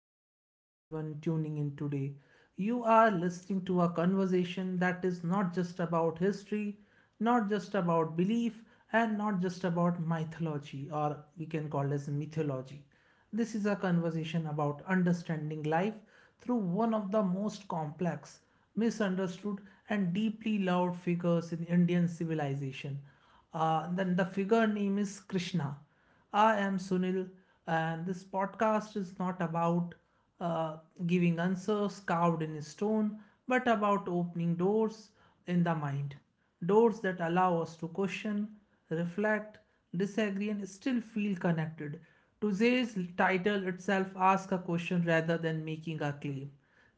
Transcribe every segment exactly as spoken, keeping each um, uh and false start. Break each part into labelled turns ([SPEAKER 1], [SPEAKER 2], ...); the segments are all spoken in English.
[SPEAKER 1] welcome to everyone tuning in today. You are listening to a conversation that is not just about history, not just about belief, and not just about mythology, or we can call as mythology. This is a conversation about understanding life through one of the most complex, misunderstood, and deeply loved figures in Indian civilization. Uh, then the figure name is Krishna. I am Sunil, and this podcast is not about uh, giving answers carved in stone, but about opening doors in the mind. Doors that allow us to question, reflect, disagree, and still feel connected. Today's title itself asks a question rather than making a claim.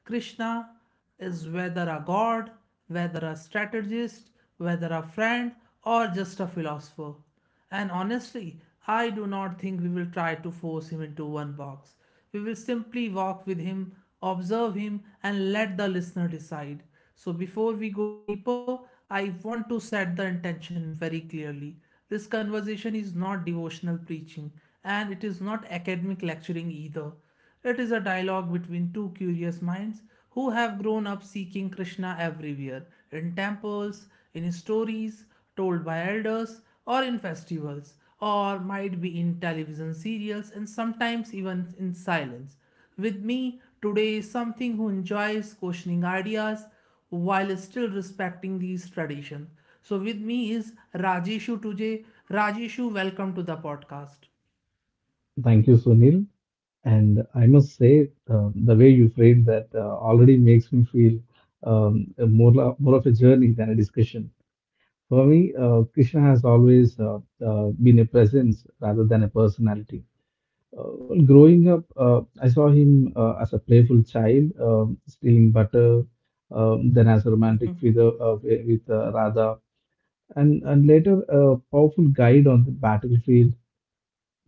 [SPEAKER 1] Krishna is whether a god, whether a strategist, whether a friend, or just a philosopher. And honestly, I do not think we will try to force him into one box. We will simply walk with him, observe him, and let the listener decide. So, before we go deeper, I want to set the intention very clearly. This conversation is not devotional preaching, and it is not academic lecturing either. It is a dialogue between two curious minds who have grown up seeking Krishna everywhere in temples, in stories told by elders, or in festivals, or might be in television serials and sometimes even in silence. With me today is something who enjoys questioning ideas while still respecting these traditions. So with me is Rajeshu Tujay. Rajeshu, welcome to the podcast.
[SPEAKER 2] Thank you, Sunil. And I must say, uh, the way you framed that uh, already makes me feel um, a more, lo- more of a journey than a discussion. For me, uh, Krishna has always uh, uh, been a presence rather than a personality. Uh, well, growing up, uh, I saw him uh, as a playful child, um, stealing butter, um, then as a romantic figure uh, with uh, Radha, and, and later a powerful guide on the battlefield,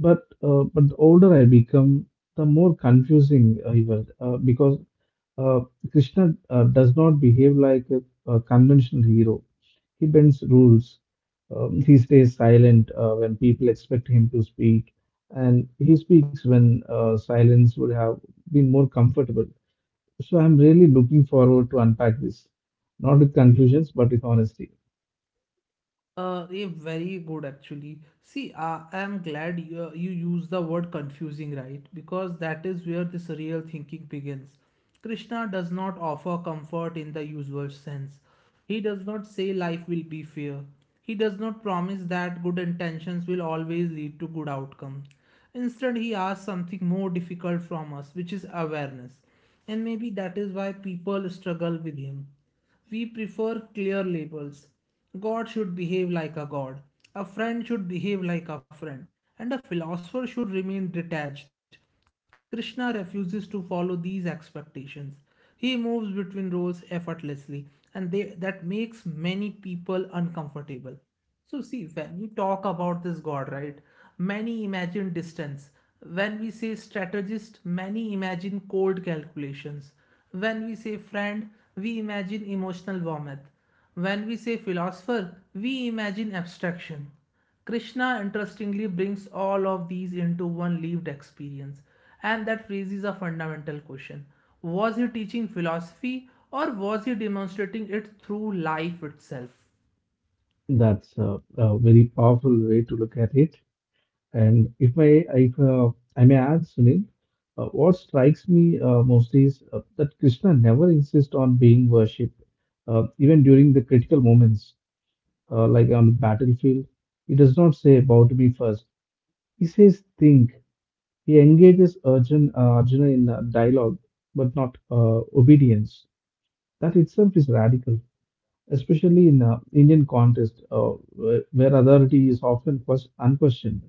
[SPEAKER 2] but uh, but the older I become, the more confusing I felt uh, because uh, Krishna uh, does not behave like a, a conventional hero. He bends rules. Um, he stays silent uh, when people expect him to speak, and he speaks when uh, silence would have been more comfortable. So I'm really looking forward to unpack this, not with conclusions, but with honesty.
[SPEAKER 1] Uh, yeah, very good actually. See, uh, I am glad you, uh, you use the word confusing, right? Because that is where this real thinking begins. Krishna does not offer comfort in the usual sense. He does not say life will be fair. He does not promise that good intentions will always lead to good outcomes. Instead, he asks something more difficult from us, which is awareness. And maybe that is why people struggle with him. We prefer clear labels. God should behave like a god, a friend should behave like a friend, and a philosopher should remain detached. Krishna refuses to follow these expectations. He moves between roles effortlessly, and they, that makes many people uncomfortable. So see, when you talk about this god, right, many imagine distance. When we say strategist, many imagine cold calculations. When we say friend, we imagine emotional warmth. When we say philosopher, we imagine abstraction. Krishna interestingly brings all of these into one lived experience, and that raises a fundamental question. Was he teaching philosophy or was he demonstrating it through life itself?
[SPEAKER 2] That's a, a very powerful way to look at it. And if I, if uh, I may add, Sunil, uh, what strikes me uh, mostly is uh, that Krishna never insists on being worshipped, uh, even during the critical moments, uh, like on the battlefield. He does not say, "Bow to me first." He says, "Think." He engages Arjun, uh, Arjuna in uh, dialogue, but not uh, obedience. That itself is radical, especially in uh, Indian context, uh, where where authority is often quest- unquestioned.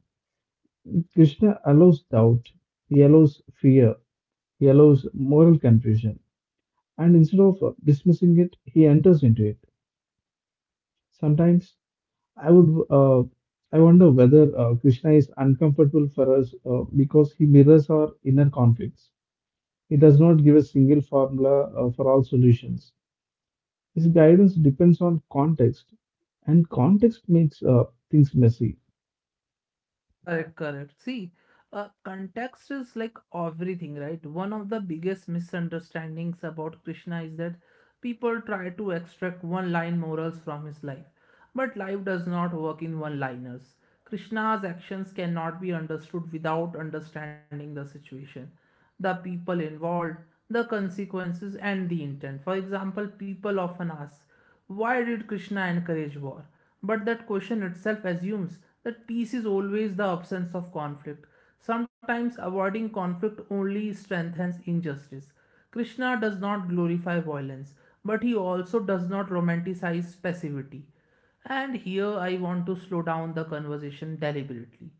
[SPEAKER 2] Krishna allows doubt, he allows fear, he allows moral confusion, and instead of uh, dismissing it, he enters into it. Sometimes I would, uh, I wonder whether uh, Krishna is uncomfortable for us uh, because he mirrors our inner conflicts. He does not give a single formula uh, for all solutions. His guidance depends on context, and context makes uh, things messy.
[SPEAKER 1] Correct, correct. See, uh, context is like everything, right? One of the biggest misunderstandings about Krishna is that people try to extract one line morals from his life. But life does not work in one liners. Krishna's actions cannot be understood without understanding the situation, the people involved, the consequences, and the intent. For example, people often ask, why did Krishna encourage war? But that question itself assumes that peace is always the absence of conflict. Sometimes avoiding conflict only strengthens injustice. Krishna does not glorify violence, but he also does not romanticize passivity. And here I want to slow down the conversation deliberately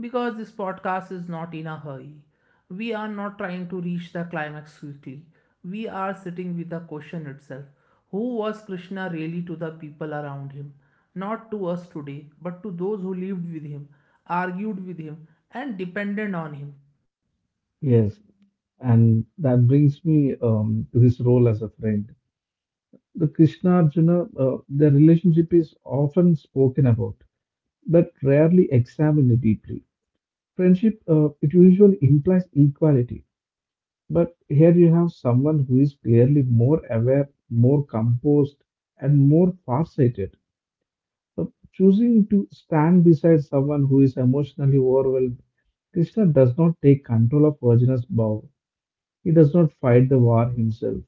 [SPEAKER 1] because this podcast is not in a hurry. We are not trying to reach the climax quickly. We are sitting with the question itself. Who was Krishna really to the people around him? Not to us today, but to those who lived with him, argued with him, and depended on him.
[SPEAKER 2] Yes, and that brings me um, to his role as a friend. The Krishna Arjuna, uh, their relationship is often spoken about, but rarely examined deeply. Friendship, uh, it usually implies equality, but here you have someone who is clearly more aware, more composed, and more farsighted. Uh, Choosing to stand beside someone who is emotionally overwhelmed, Krishna does not take control of Arjuna's bow. He does not fight the war himself.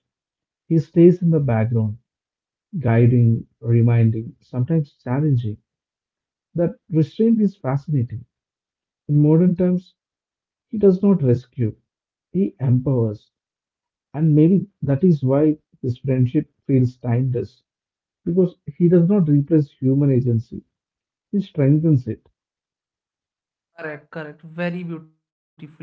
[SPEAKER 2] He stays in the background guiding, reminding, sometimes challenging. That restraint is fascinating. In modern terms, he does not rescue, he empowers. And maybe that is why this friendship feels timeless, because he does not replace human agency, he strengthens it.
[SPEAKER 1] Correct, correct. Very beautifully said.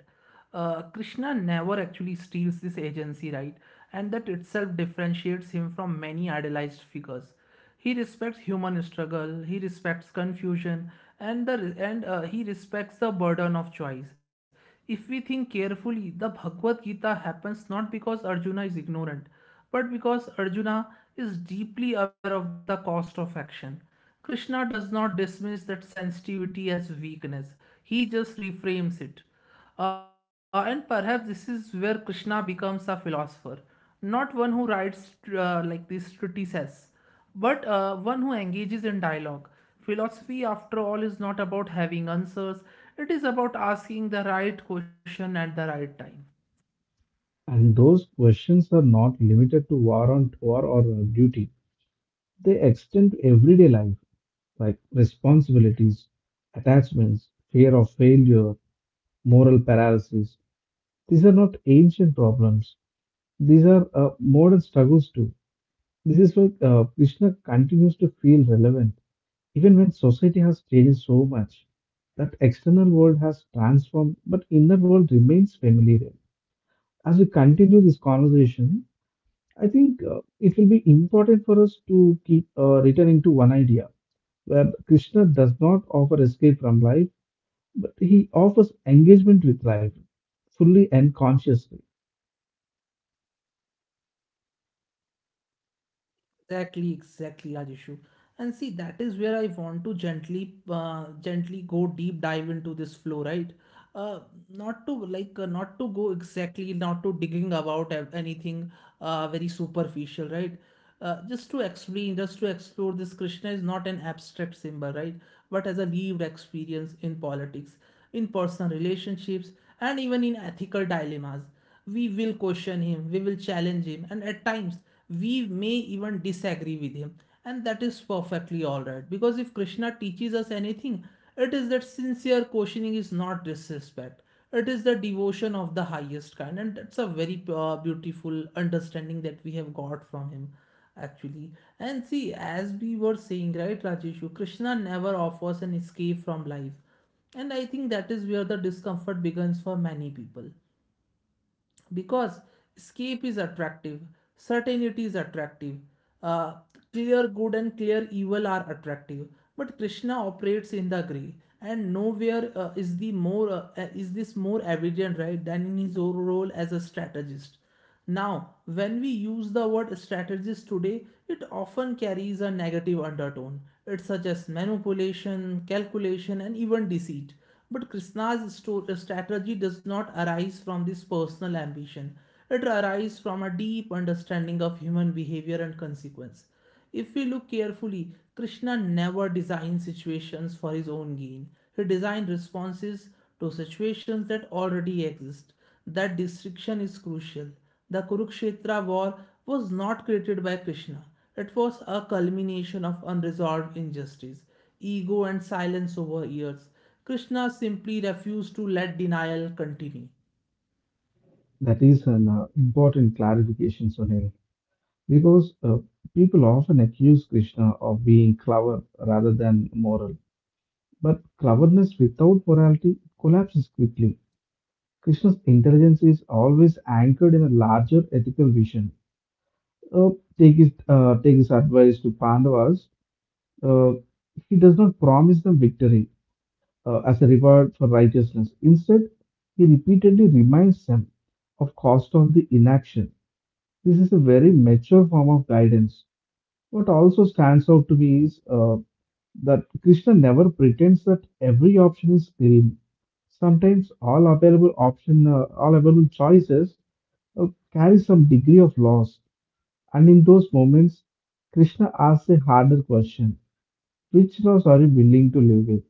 [SPEAKER 1] Uh, Krishna never actually steals this agency, right? And that itself differentiates him from many idealized figures. He respects human struggle, he respects confusion, and the and uh, he respects the burden of choice. If we think carefully, the Bhagavad Gita happens not because Arjuna is ignorant, but because Arjuna is deeply aware of the cost of action. Krishna does not dismiss that sensitivity as weakness, he just reframes it. Uh, and perhaps this is where Krishna becomes a philosopher, not one who writes uh, like these treatises, but uh, one who engages in dialogue. Philosophy, after all, is not about having answers, it is about asking the right question at the right time.
[SPEAKER 2] And those questions are not limited to war on war or uh, duty. They extend to everyday life, like responsibilities, attachments, fear of failure, moral paralysis. These are not ancient problems. These are uh, modern struggles too. This is why uh, Krishna continues to feel relevant, even when society has changed so much. That external world has transformed, but inner world remains familiar. As we continue this conversation, I think uh, it will be important for us to keep uh, returning to one idea, where Krishna does not offer escape from life, but he offers engagement with life, fully and consciously.
[SPEAKER 1] Exactly, exactly, Rajeshu. And see, that is where I want to gently, uh, gently go deep dive into this flow, right? Uh, Not to like, uh, not to go exactly, not to digging about ev- anything, uh, very superficial, right? Uh, just to explain, just to explore this, Krishna is not an abstract symbol, right? But as a lived experience in politics, in personal relationships, and even in ethical dilemmas, we will question him, we will challenge him, and at times we may even disagree with him. And that is perfectly alright because if Krishna teaches us anything, it is that sincere questioning is not disrespect. It is the devotion of the highest kind, and that's a very uh, beautiful understanding that we have got from him actually. And see, as we were saying, right, Rajeshu, Krishna never offers an escape from life. And I think that is where the discomfort begins for many people because escape is attractive, certainty is attractive, uh, clear good and clear evil are attractive, but Krishna operates in the gray. And nowhere uh, is the more uh, is this more evident, right, than in his role as a strategist. Now, when we use the word strategist today, it often carries a negative undertone. It suggests manipulation, calculation, and even deceit. But Krishna's sto- strategy does not arise from this personal ambition. It arises from a deep understanding of human behavior and consequence. If we look carefully, Krishna never designed situations for his own gain. He designed responses to situations that already exist. That distinction is crucial. The Kurukshetra war was not created by Krishna. It was a culmination of unresolved injustice, ego, and silence over years. Krishna simply refused to let denial continue.
[SPEAKER 2] That is an uh, important clarification, Sunil, because uh, people often accuse Krishna of being clever rather than moral. But cleverness without morality collapses quickly. Krishna's intelligence is always anchored in a larger ethical vision. Uh, take his uh, Take his advice to Pandavas. Uh, he does not promise them victory uh, as a reward for righteousness. Instead, he repeatedly reminds them of cost of the inaction. This is a very mature form of guidance. What also stands out to me is uh, that Krishna never pretends that every option is clean. Sometimes all available option, uh, all available choices uh, carry some degree of loss, and in those moments, Krishna asks a harder question: Which loss are you willing to live with?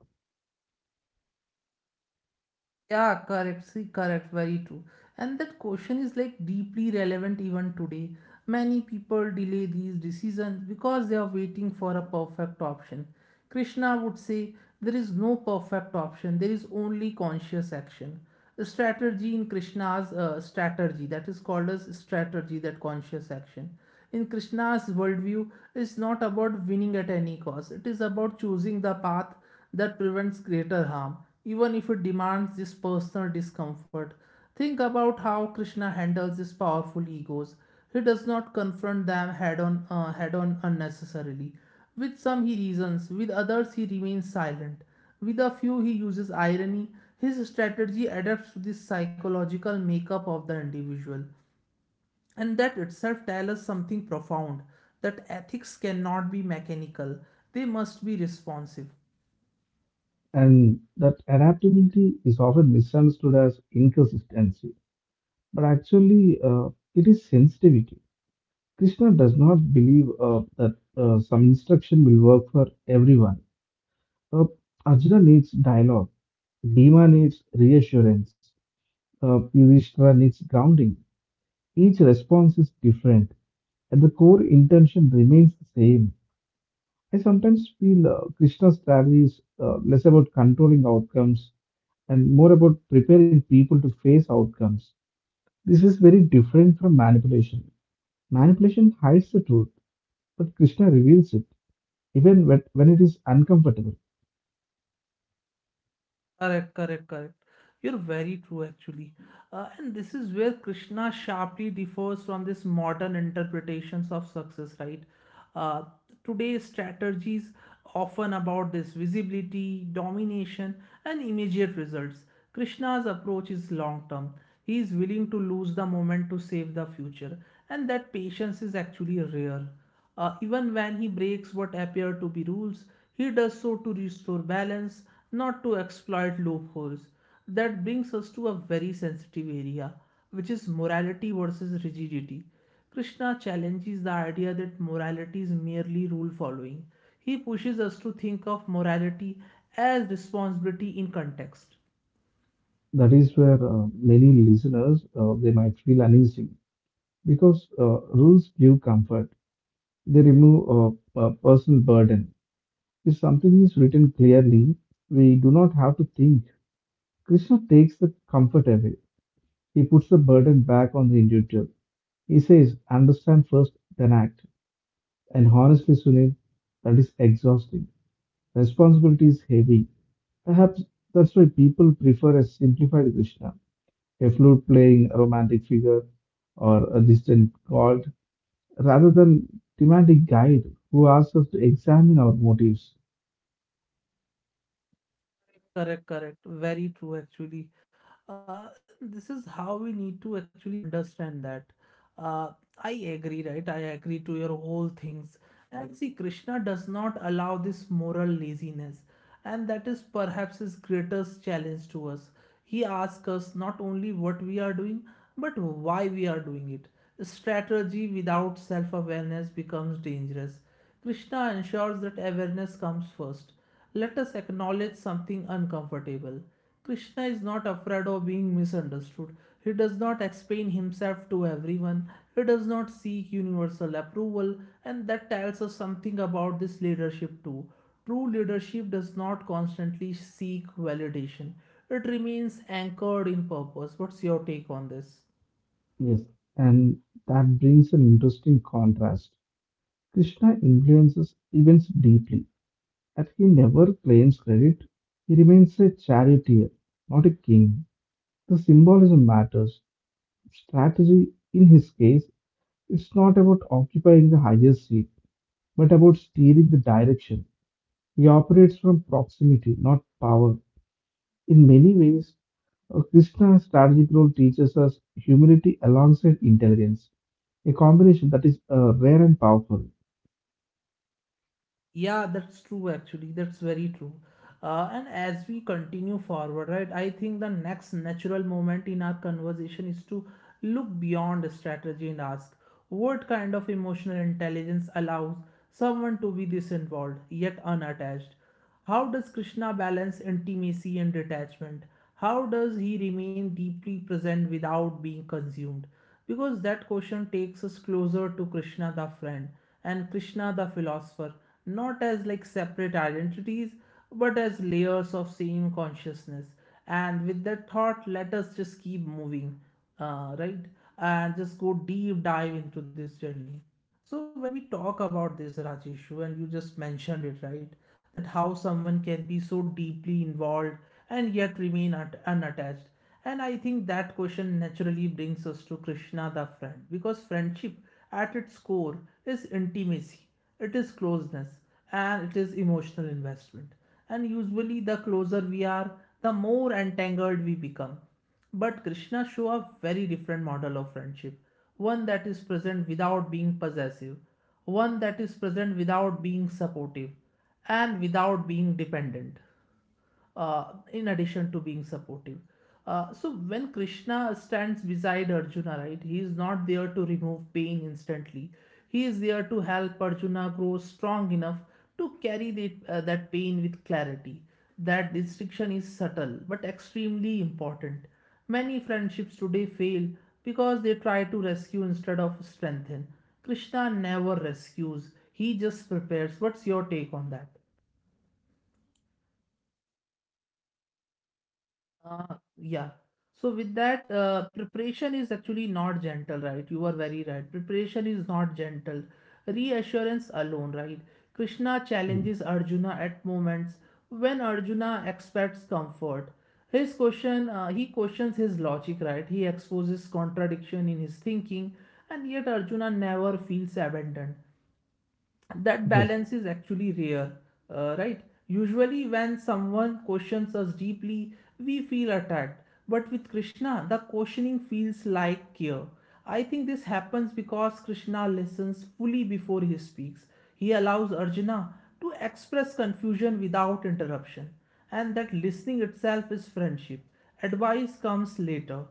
[SPEAKER 1] Yeah, correct. See, correct. Very true. And that question is like deeply relevant even today. Many people delay these decisions because they are waiting for a perfect option. Krishna would say there is no perfect option, there is only conscious action. The strategy in Krishna's uh, strategy, that is called as strategy, that conscious action. In Krishna's worldview, it's not about winning at any cost, it is about choosing the path that prevents greater harm, even if it demands this personal discomfort. Think about how Krishna handles these powerful egos. He does not confront them head on, uh, head on unnecessarily. With some he reasons, with others he remains silent. With a few he uses irony. His strategy adapts to the psychological makeup of the individual. And that itself tells us something profound, that ethics cannot be mechanical, they must be responsive.
[SPEAKER 2] And that adaptability is often misunderstood as inconsistency, but actually, uh, it is sensitivity. Krishna does not believe uh, that uh, some instruction will work for everyone. Uh, Arjuna needs dialogue. Bhima needs reassurance. Uh, Yudhishthira needs grounding. Each response is different, and the core intention remains the same. I sometimes feel uh, Krishna's strategy is uh, less about controlling outcomes and more about preparing people to face outcomes. This is very different from manipulation. Manipulation hides the truth, but Krishna reveals it, even when, when it is uncomfortable.
[SPEAKER 1] Correct, correct, correct. You're very true, actually. Uh, and this is where Krishna sharply differs from this modern interpretations of success, right? Uh, Today's strategies often about this visibility, domination, and immediate results. Krishna's approach is long term. He is willing to lose the moment to save the future, and that patience is actually rare. Uh, even when he breaks what appear to be rules, he does so to restore balance, not to exploit loopholes. That brings us to a very sensitive area, which is morality versus rigidity. Krishna challenges the idea that morality is merely rule following. He pushes us to think of morality as responsibility in context.
[SPEAKER 2] That is where uh, many listeners uh, they might feel uneasy because uh, rules give comfort. They remove uh, a personal burden. If something is written clearly, we do not have to think. Krishna takes the comfort away. He puts the burden back on the individual. He says, understand first, then act. And honestly, Sunil, that is exhausting. Responsibility is heavy. Perhaps that's why people prefer a simplified Krishna, a flute playing romantic figure, or a distant god, rather than thematic guide who asks us to examine our motives.
[SPEAKER 1] Correct, correct. Very true, actually. Uh, this is how we need to actually understand that. Uh, I agree, right? I agree to your whole things. And see, Krishna does not allow this moral laziness, and that is perhaps his greatest challenge to us. He asks us not only what we are doing, but why we are doing it. Strategy without self awareness becomes dangerous. Krishna ensures that awareness comes first. Let us acknowledge something uncomfortable. Krishna is not afraid of being misunderstood. He does not explain himself to everyone. He does not seek universal approval, and that tells us something about this leadership too. True leadership does not constantly seek validation. It remains anchored in purpose. What's your take on this?
[SPEAKER 2] Yes. And that brings an interesting contrast. Krishna influences events deeply, and he never claims credit. He remains a charioteer, not a king. The symbolism matters. Strategy, in his case, it's not about occupying the highest seat, but about steering the direction. He operates from proximity, not power. In many ways, uh, Krishna's strategic role teaches us humility alongside intelligence, a combination that is uh, rare and powerful.
[SPEAKER 1] Yeah, that's true actually. That's very true. Uh, and as we continue forward, right, I think the next natural moment in our conversation is to look beyond strategy and ask what kind of emotional intelligence allows someone to be this involved yet unattached. How does Krishna balance intimacy and detachment? How does he remain deeply present without being consumed? Because that question takes us closer to Krishna the friend and Krishna the philosopher, not as like separate identities, but as layers of same consciousness. And with that thought, let us just keep moving, uh, right? And just go deep dive into this journey. So when we talk about this Rajesh, and you just mentioned it, right? That how someone can be so deeply involved and yet remain at, unattached. And I think that question naturally brings us to Krishna the friend, because friendship at its core is intimacy, it is closeness, and it is emotional investment. And usually, the closer we are, the more entangled we become, but Krishna shows a very different model of friendship, one that is present without being possessive, one that is present without being supportive, and without being dependent uh, in addition to being supportive. Uh, so when Krishna stands beside Arjuna, right, he is not there to remove pain instantly. He is there to help Arjuna grow strong enough to carry the, uh, that pain with clarity. That distinction is subtle but extremely important. Many friendships today fail because they try to rescue instead of strengthen. Krishna never rescues, he just prepares. What's your take on that? Uh, yeah. So with that, uh, preparation is actually not gentle, right? You are very right. Preparation is not gentle. Reassurance alone, right? Krishna
[SPEAKER 2] Mm.
[SPEAKER 1] challenges Arjuna at moments when Arjuna expects comfort. His question, uh, he questions his logic, right? He exposes contradiction in his thinking, and yet Arjuna never feels abandoned. That
[SPEAKER 2] Yes,
[SPEAKER 1] balance is actually rare, uh, right? Usually, when someone questions us deeply, we feel attacked. But with Krishna, the questioning feels like care. I think this happens because Krishna listens fully before he speaks. He allows Arjuna to express confusion without interruption, and that listening itself is friendship. Advice comes later,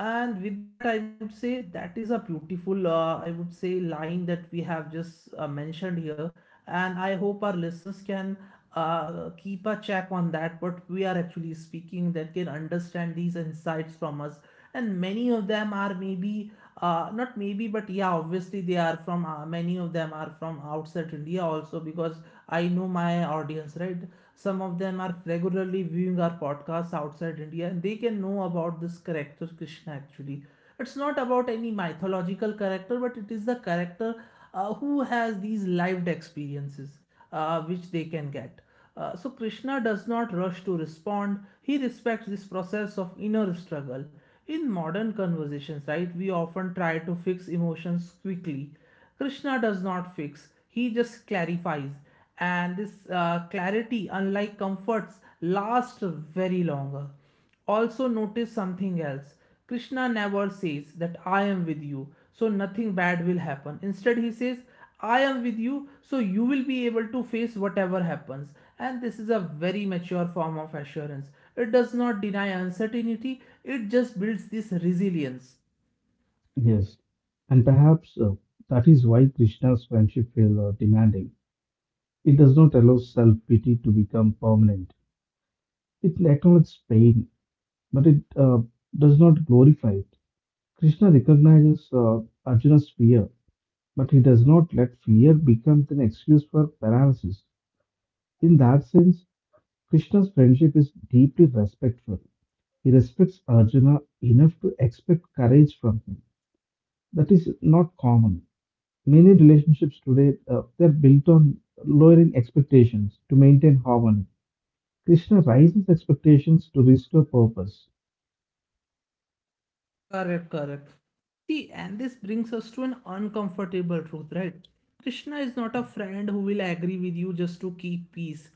[SPEAKER 1] and with that I would say that is a beautiful uh, I would say line that we have just uh, mentioned here, and I hope our listeners can uh, keep a check on that, what we are actually speaking, that can understand these insights from us. And many of them are maybe uh, not maybe but yeah, obviously they are from uh, many of them are from outside India also, because I know my audience, right? Some of them are regularly viewing our podcasts outside India, and they can know about this character Krishna, actually. It's not about any mythological character, but it is the character uh, who has these lived experiences uh, which they can get. Uh, so Krishna does not rush to respond. He respects this process of inner struggle. In modern conversations, right, we often try to fix emotions quickly. Krishna does not fix, he just clarifies. And this uh, clarity, unlike comforts, lasts very longer. Also, notice something else. Krishna never says that I am with you, so nothing bad will happen. Instead, he says, I am with you, so you will be able to face whatever happens. And this is a very mature form of assurance. It does not deny uncertainty, it just builds this resilience.
[SPEAKER 2] yes. And perhaps uh, that is why Krishna's friendship feels uh, demanding. It does not allow self pity to become permanent. It acknowledges pain, but it uh, does not glorify it. Krishna recognizes uh, Arjuna's fear, but he does not let fear become an excuse for paralysis. In that sense, Krishna's friendship is deeply respectful. He respects Arjuna enough to expect courage from him. That is not common. Many relationships today uh, they're built on lowering expectations to maintain harmony. Krishna raises expectations to restore purpose.
[SPEAKER 1] Correct, correct. See, and this brings us to an uncomfortable truth, right? Krishna is not a friend who will agree with you just to keep peace.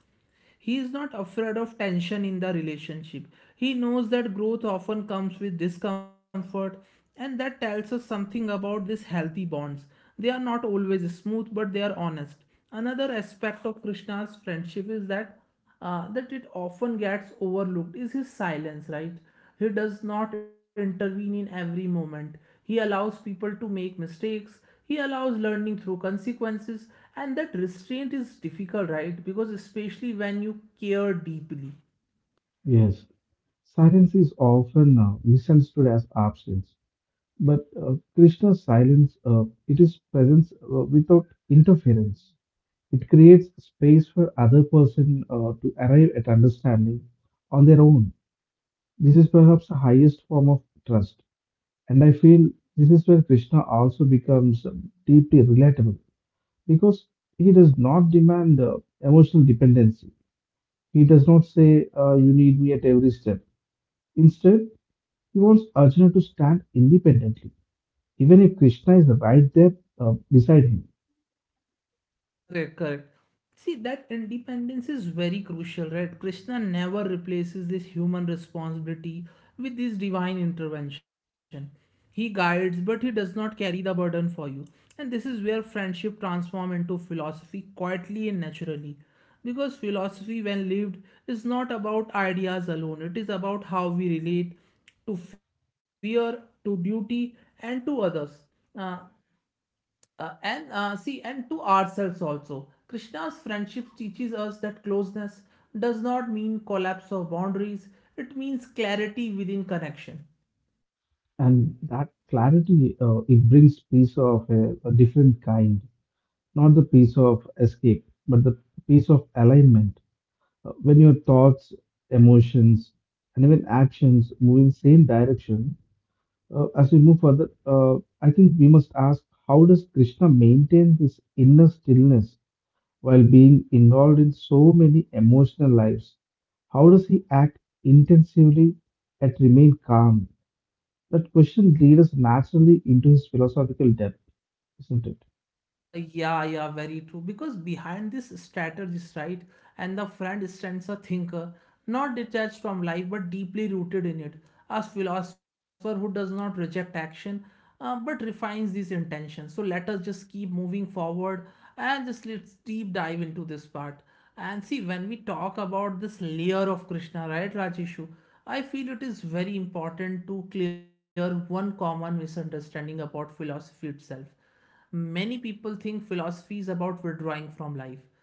[SPEAKER 1] He is not afraid of tension in the relationship. He knows that growth often comes with discomfort, and that tells us something about these healthy bonds. They are not always smooth, but they are honest. Another aspect of Krishna's friendship is that uh, that it often gets overlooked is his silence, right? He does not intervene in every moment. He allows people to make mistakes. He allows learning through consequences. And that restraint is difficult, right? Because especially when you care deeply.
[SPEAKER 2] Yes, silence is often uh, misunderstood as absence. But uh, Krishna's silence, uh, it is presence uh, without interference. It creates space for other person uh, to arrive at understanding on their own. This is perhaps the highest form of trust. And I feel this is where Krishna also becomes um, deeply relatable because he does not demand uh, emotional dependency. He does not say, uh, you need me at every step. Instead, he wants Arjuna to stand independently even if Krishna is right there uh, beside him.
[SPEAKER 1] Correct, correct. See, that independence is very crucial, right? Krishna never replaces this human responsibility with this divine intervention. He guides, but he does not carry the burden for you. And this is where friendship transforms into philosophy quietly and naturally. Because philosophy, when lived, is not about ideas alone, it is about how we relate to fear, to duty, and to others. Uh, uh, and uh, See, and to ourselves also. Krishna's friendship teaches us that closeness does not mean collapse of boundaries, it means clarity within connection.
[SPEAKER 2] And that clarity, uh, it brings peace of a, a different kind, not the peace of escape, but the peace of alignment. Uh, when your thoughts, emotions, and even actions move in same direction, uh, as we move further, uh, I think we must ask, how does Krishna maintain his inner stillness while being involved in so many emotional lives? How does he act intensively yet remain calm? That question leads us naturally into his philosophical depth, isn't it?
[SPEAKER 1] Yeah, yeah, very true. Because behind this strategist, right, and the friend stands a thinker, not detached from life but deeply rooted in it. A philosopher who does not reject action uh, but refines these intentions. So let us just keep moving forward and just let's deep dive into this part. And see, when we talk about this layer of Krishna, right, Rajeshu, I feel it is very important to clear one common misunderstanding about philosophy itself. Many people think philosophy is about withdrawing from life,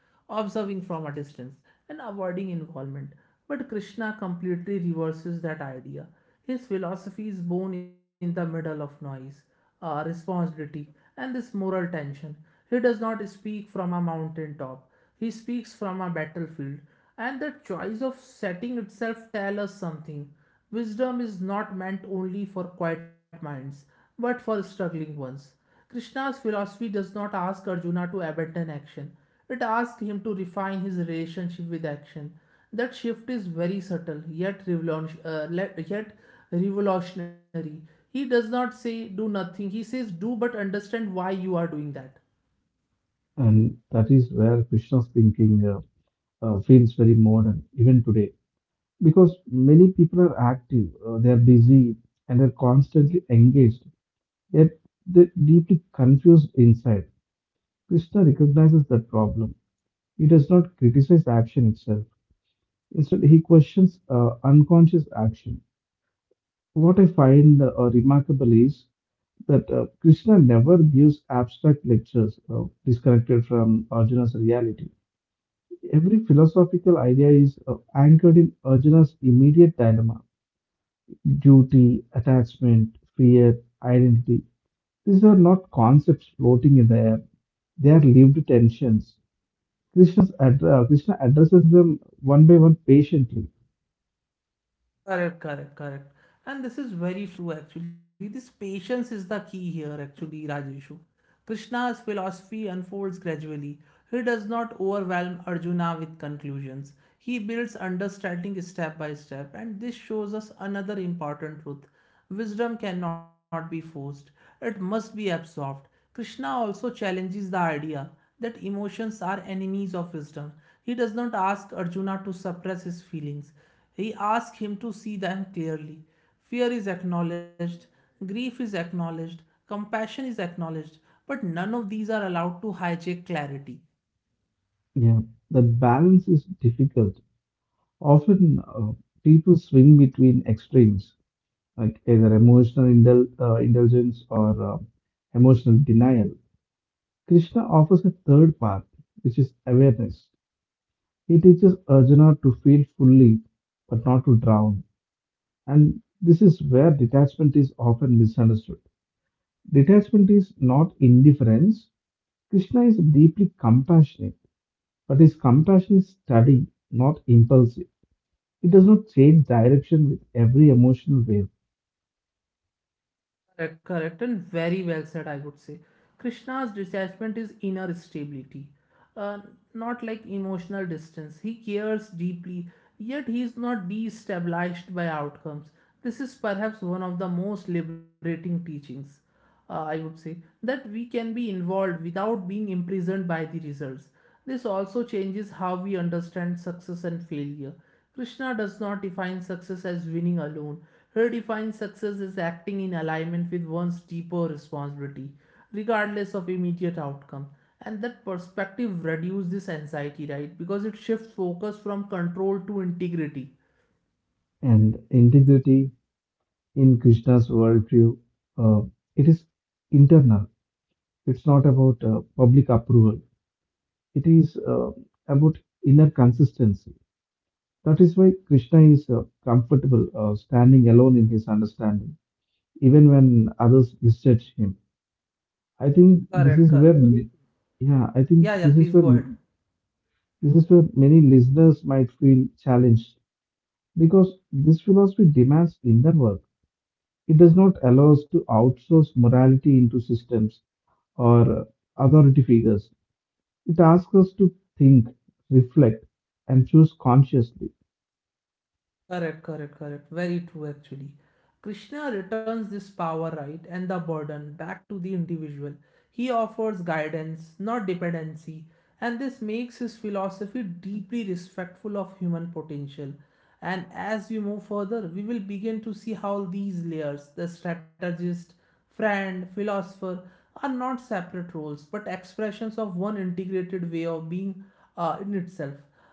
[SPEAKER 1] observing from a distance, and avoiding involvement. But Krishna completely reverses that idea. His philosophy is born in the middle of noise, uh, responsibility, and this moral tension. He does not speak from a mountain top. He speaks from a battlefield, and the choice of setting itself tells us something. Wisdom is not meant only for quiet minds, but for struggling ones. Krishna's philosophy does not ask Arjuna to abandon action, it asks him to refine his relationship with action. That shift is very subtle, yet, revolution, uh, yet revolutionary. He does not say do nothing, he says do but understand why you are doing that.
[SPEAKER 2] And that is where Krishna's thinking uh, uh, feels very modern, even today. Because many people are active, uh, they are busy, and they're constantly engaged, yet they're deeply confused inside. Krishna recognizes that problem. He does not criticize action itself. Instead, he questions uh, unconscious action. What I find uh, remarkable is that uh, Krishna never gives abstract lectures uh, disconnected from Arjuna's reality. Every philosophical idea is uh, anchored in Arjuna's immediate dilemma: duty, attachment, fear, identity. These are not concepts floating in the air, they are lived tensions. Krishna's address, Krishna addresses them one by one patiently.
[SPEAKER 1] Correct, correct, correct. And this is very true actually. This patience is the key here actually, Rajeshu. Krishna's philosophy unfolds gradually. He does not overwhelm Arjuna with conclusions. He builds understanding step by step, and this shows us another important truth. Wisdom cannot be forced, it must be absorbed. Krishna also challenges the idea that emotions are enemies of wisdom. He does not ask Arjuna to suppress his feelings, he asks him to see them clearly. Fear is acknowledged, grief is acknowledged, compassion is acknowledged, but none of these are allowed to hijack clarity.
[SPEAKER 2] Yeah, that balance is difficult. Often uh, people swing between extremes, like either emotional indul uh, indulgence or uh, emotional denial. Krishna offers a third path, which is awareness. He teaches Arjuna to feel fully, but not to drown. And this is where detachment is often misunderstood. Detachment is not indifference. Krishna is deeply compassionate, but his compassion is steady, not impulsive. It does not change direction with every emotional wave.
[SPEAKER 1] Correct, correct, and very well said, I would say. Krishna's detachment is inner stability, uh, not like emotional distance. He cares deeply, yet he is not destabilized by outcomes. This is perhaps one of the most liberating teachings, uh, I would say, that we can be involved without being imprisoned by the results. This also changes how we understand success and failure. Krishna does not define success as winning alone. He defines success as acting in alignment with one's deeper responsibility, regardless of immediate outcome. And that perspective reduces this anxiety, right? Because it shifts focus from control to integrity.
[SPEAKER 2] And integrity in Krishna's worldview, uh, it is internal. It's not about uh, public approval. It is uh, about inner consistency. That is why Krishna is uh, comfortable uh, standing alone in his understanding, even when others misjudge him. I think this
[SPEAKER 1] Correct,
[SPEAKER 2] is where,
[SPEAKER 1] correct.
[SPEAKER 2] yeah, I
[SPEAKER 1] Yeah,
[SPEAKER 2] think
[SPEAKER 1] yeah,
[SPEAKER 2] this
[SPEAKER 1] please
[SPEAKER 2] is where
[SPEAKER 1] go ahead.
[SPEAKER 2] this is where many listeners might feel challenged because this philosophy demands inner work. It does not allow us to outsource morality into systems or authority figures. It asks us to think, reflect, and choose consciously.
[SPEAKER 1] Correct, correct, correct. Very true, actually. Krishna returns this power, right, and the burden back to the individual. He offers guidance, not dependency, and this makes his philosophy deeply respectful of human potential. And as we move further, we will begin to see how these layers, the strategist, friend, philosopher, are not separate roles but expressions of one integrated way of being uh, in itself.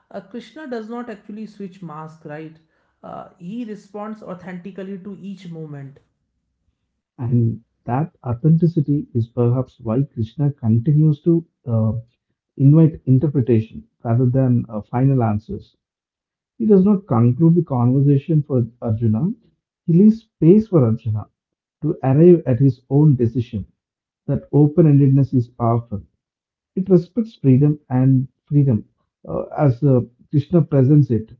[SPEAKER 1] Uh, Krishna does not actually switch mask, right? Uh, he responds authentically to each moment.
[SPEAKER 2] And that authenticity is perhaps why Krishna continues to uh, invite interpretation rather than uh, final answers. He does not conclude the conversation for Arjuna, he leaves space for Arjuna to arrive at his own decision. That open endedness is powerful. It respects freedom and freedom uh, as uh, Krishna presents it.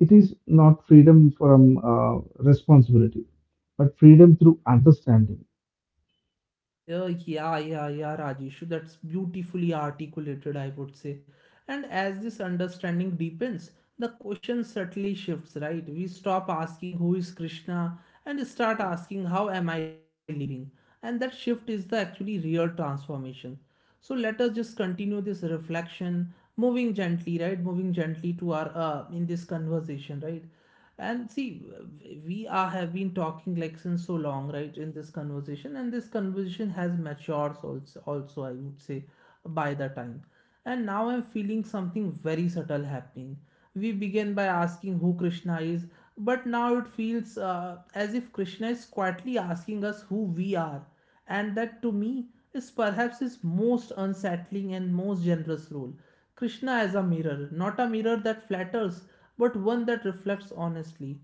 [SPEAKER 2] It is not freedom from uh, responsibility, but freedom through understanding.
[SPEAKER 1] Uh, yeah, yeah, yeah, Rajeshu. That's beautifully articulated, I would say. And as this understanding deepens, the question subtly shifts, right? We stop asking who is Krishna and start asking how am I living? And that shift is the actually real transformation. So let us just continue this reflection, moving gently, right? Moving gently to our uh, in this conversation, right? And see, we are have been talking like since so long, right? In this conversation, and this conversation has matured also, also I would say, by the time. And now I'm feeling something very subtle happening. We began by asking who Krishna is, but now it feels uh, as if Krishna is quietly asking us who we are, and that to me is perhaps his most unsettling and most generous role. Krishna as a mirror, not a mirror that flatters, but one that reflects honestly.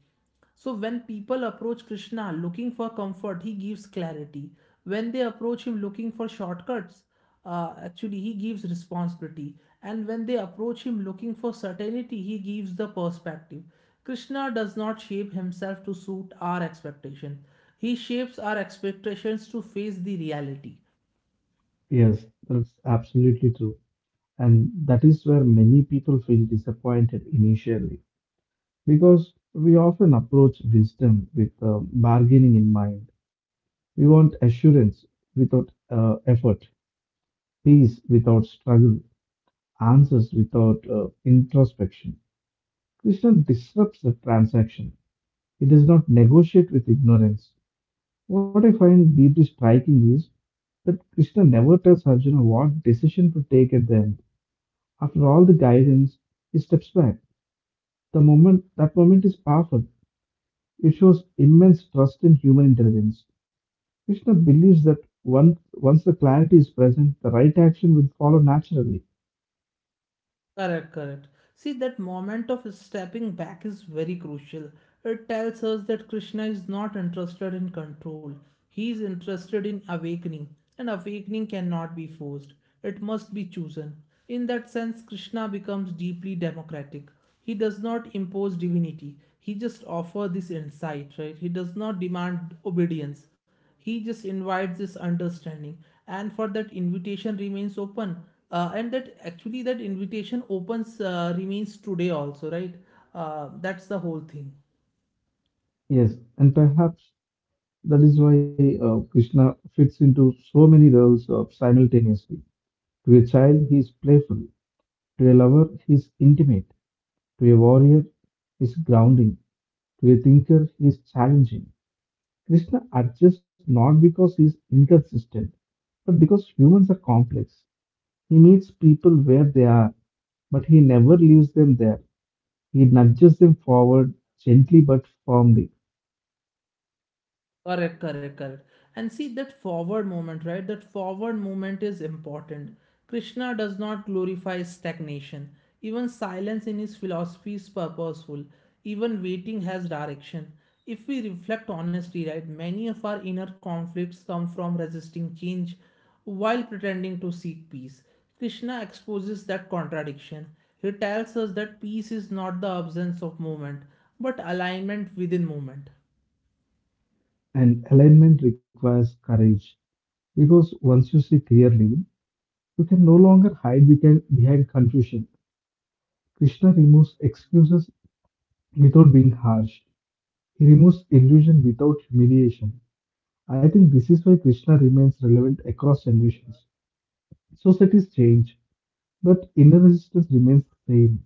[SPEAKER 1] So when people approach Krishna looking for comfort, he gives clarity. When they approach him looking for shortcuts, uh, actually he gives responsibility. And when they approach him looking for certainty, he gives the perspective. Krishna does not shape himself to suit our expectation. He shapes our expectations to face the reality.
[SPEAKER 2] Yes, that's absolutely true. And that is where many people feel disappointed initially because we often approach wisdom with uh, bargaining in mind. We want assurance without uh, effort, peace without struggle, answers without uh, introspection. Krishna disrupts the transaction. He does not negotiate with ignorance. What I find deeply striking is that Krishna never tells Arjuna what decision to take at the end. After all the guidance, he steps back. The moment That moment is powerful. It shows immense trust in human intelligence. Krishna believes that once once the clarity is present, the right action will follow naturally.
[SPEAKER 1] Correct, correct. See, that moment of stepping back is very crucial. It tells us that Krishna is not interested in control, he is interested in awakening, and awakening cannot be forced, it must be chosen. In that sense, Krishna becomes deeply democratic. He does not impose divinity, he just offers this insight, right? He does not demand obedience. He just invites this understanding, and for that invitation remains open, uh, and that actually that invitation opens uh, remains today also, right? Uh, that's the whole thing.
[SPEAKER 2] Yes, and perhaps that is why uh, Krishna fits into so many roles uh, simultaneously. To a child, he is playful. To a lover, he is intimate. To a warrior, he is grounding. To a thinker, he is challenging. Krishna adjusts not because he is inconsistent, but because humans are complex. He meets people where they are, but he never leaves them there. He nudges them forward gently but firmly.
[SPEAKER 1] Correct, correct, correct. And see that forward movement, right? That forward movement is important. Krishna does not glorify stagnation. Even silence in his philosophy is purposeful. Even waiting has direction. If we reflect honestly, right, many of our inner conflicts come from resisting change while pretending to seek peace. Krishna exposes that contradiction. He tells us that peace is not the absence of movement, but alignment within movement.
[SPEAKER 2] And alignment requires courage because once you see clearly, you can no longer hide behind behind confusion. Krishna removes excuses without being harsh. He removes illusion without humiliation. I think this is why Krishna remains relevant across generations. Societies change, but inner resistance remains the same.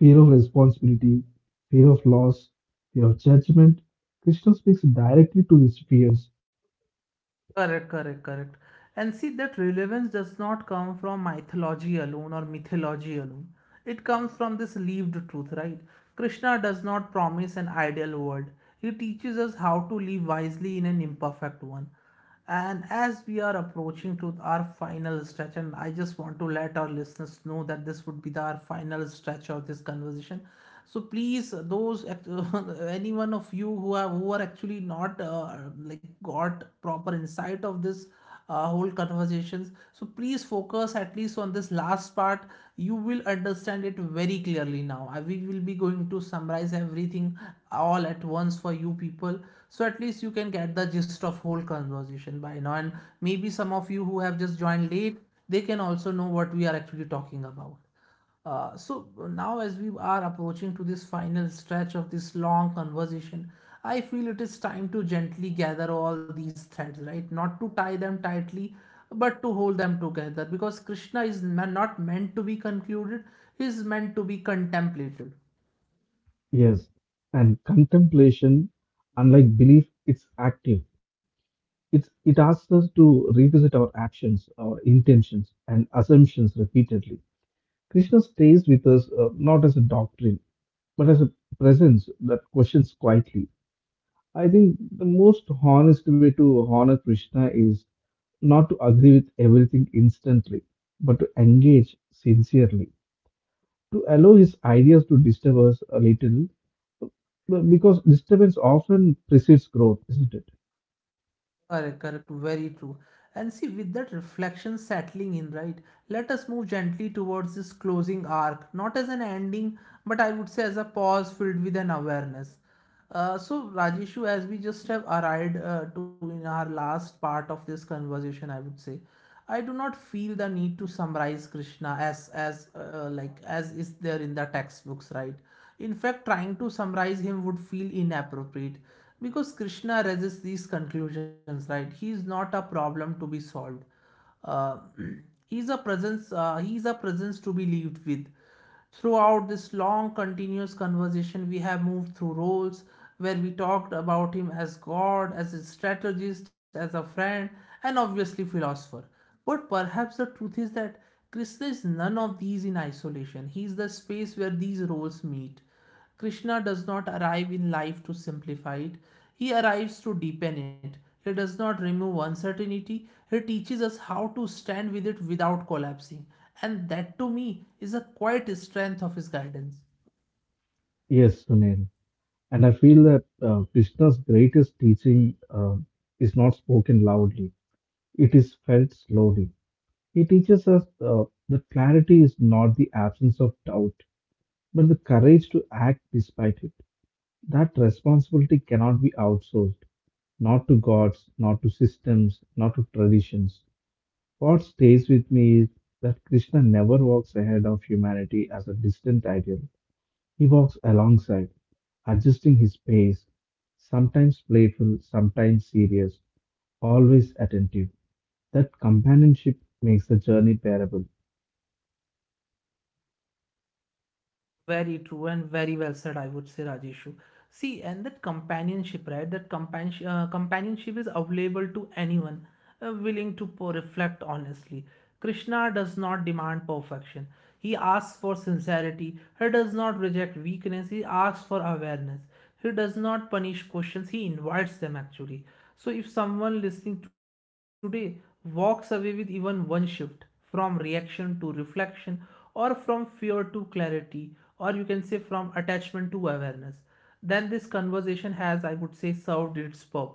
[SPEAKER 2] Fear of responsibility, fear of loss, fear of judgment. Krishna speaks directly to these fears.
[SPEAKER 1] Correct, correct, correct. And see that relevance does not come from mythology alone or mythology alone. It comes from this lived truth, right? Krishna does not promise an ideal world. He teaches us how to live wisely in an imperfect one. And as we are approaching to our final stretch, and I just want to let our listeners know that this would be the, our final stretch of this conversation, so please uh, those act- any one of you who have who are actually not uh, like got proper insight of this uh, whole conversations, so please focus at least on this last part. You will understand it very clearly now. I, we will be going to summarize everything all at once for you people, so at least you can get the gist of whole conversation by now. And maybe some of you who have just joined late, they can also know what we are actually talking about. Uh, so now, as we are approaching to this final stretch of this long conversation, I feel it is time to gently gather all these threads, right? Not to tie them tightly, but to hold them together because Krishna is ma- not meant to be concluded, he is meant to be contemplated.
[SPEAKER 2] Yes, and contemplation, unlike belief, it's active. It's, it asks us to revisit our actions, our intentions, and assumptions repeatedly. Krishna stays with us uh, not as a doctrine, but as a presence that questions quietly. I think the most honest way to honor Krishna is not to agree with everything instantly, but to engage sincerely, to allow his ideas to disturb us a little, b- because disturbance often precedes growth, isn't it?
[SPEAKER 1] Correct, correct, very true. And see, with that reflection settling in, right, let us move gently towards this closing arc, not as an ending, but I would say as a pause filled with an awareness. Uh, so, Rajeshu, as we just have arrived uh, to in our last part of this conversation, I would say, I do not feel the need to summarize Krishna as as uh, uh, like as is there in the textbooks, right? In fact, trying to summarize him would feel inappropriate because Krishna resists these conclusions, right? He is not a problem to be solved. uh, he's a presence uh, he is a presence to be lived with. Throughout this long continuous conversation, we have moved through roles where we talked about him as god, as a strategist, as a friend, and obviously philosopher. But perhaps the truth is that Krishna is none of these in isolation. He is the space where these roles meet. Krishna does not arrive in life to simplify it, he arrives to deepen it. He does not remove uncertainty, he teaches us how to stand with it without collapsing. And that to me is a quiet strength of his guidance.
[SPEAKER 2] Yes, Sunil. And I feel that uh, Krishna's greatest teaching uh, is not spoken loudly, it is felt slowly. He teaches us uh, that clarity is not the absence of doubt, but the courage to act despite it. That responsibility cannot be outsourced, not to gods, not to systems, not to traditions. What stays with me is that Krishna never walks ahead of humanity as a distant ideal. He walks alongside, adjusting his pace, sometimes playful, sometimes serious, always attentive. That companionship makes the journey bearable.
[SPEAKER 1] Very true and very well said, I would say, Rajeshu. See, and that companionship, right? That companionship, uh, companionship is available to anyone uh, willing to po- reflect honestly. Krishna does not demand perfection. He asks for sincerity. He does not reject weakness. He asks for awareness. He does not punish questions, he invites them actually. So if someone listening today walks away with even one shift, from reaction to reflection, or from fear to clarity, or you can say from attachment to awareness, then this conversation has, I would say, served its purpose.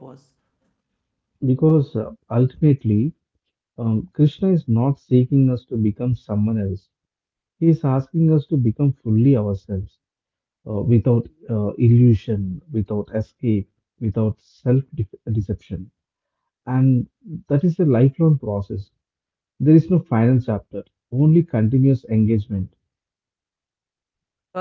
[SPEAKER 2] Because uh, ultimately, um, Krishna is not seeking us to become someone else. He is asking us to become fully ourselves, uh, without uh, illusion, without escape, without self de- deception. And that is a lifelong process. There is no final chapter, only continuous engagement.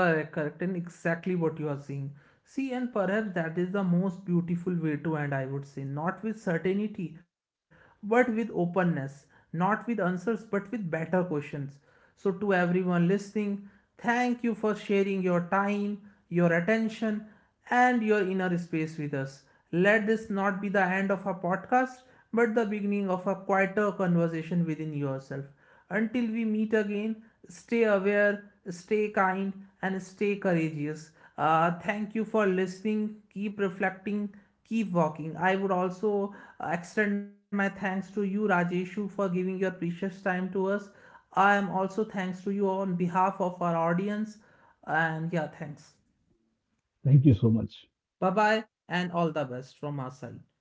[SPEAKER 1] Correct, correct, and exactly what you are seeing. See, and perhaps that is the most beautiful way to end, I would say. Not with certainty, but with openness. Not with answers, but with better questions. So, to everyone listening, thank you for sharing your time, your attention, and your inner space with us. Let this not be the end of our podcast, but the beginning of a quieter conversation within yourself. Until we meet again, stay aware, stay kind, and stay courageous. Uh, thank you for listening. Keep reflecting. Keep walking. I would also uh, extend my thanks to you, Rajeshu, for giving your precious time to us. I am also thanks to you on behalf of our audience. And yeah, thanks.
[SPEAKER 2] Thank you so much.
[SPEAKER 1] Bye bye, and all the best from our side.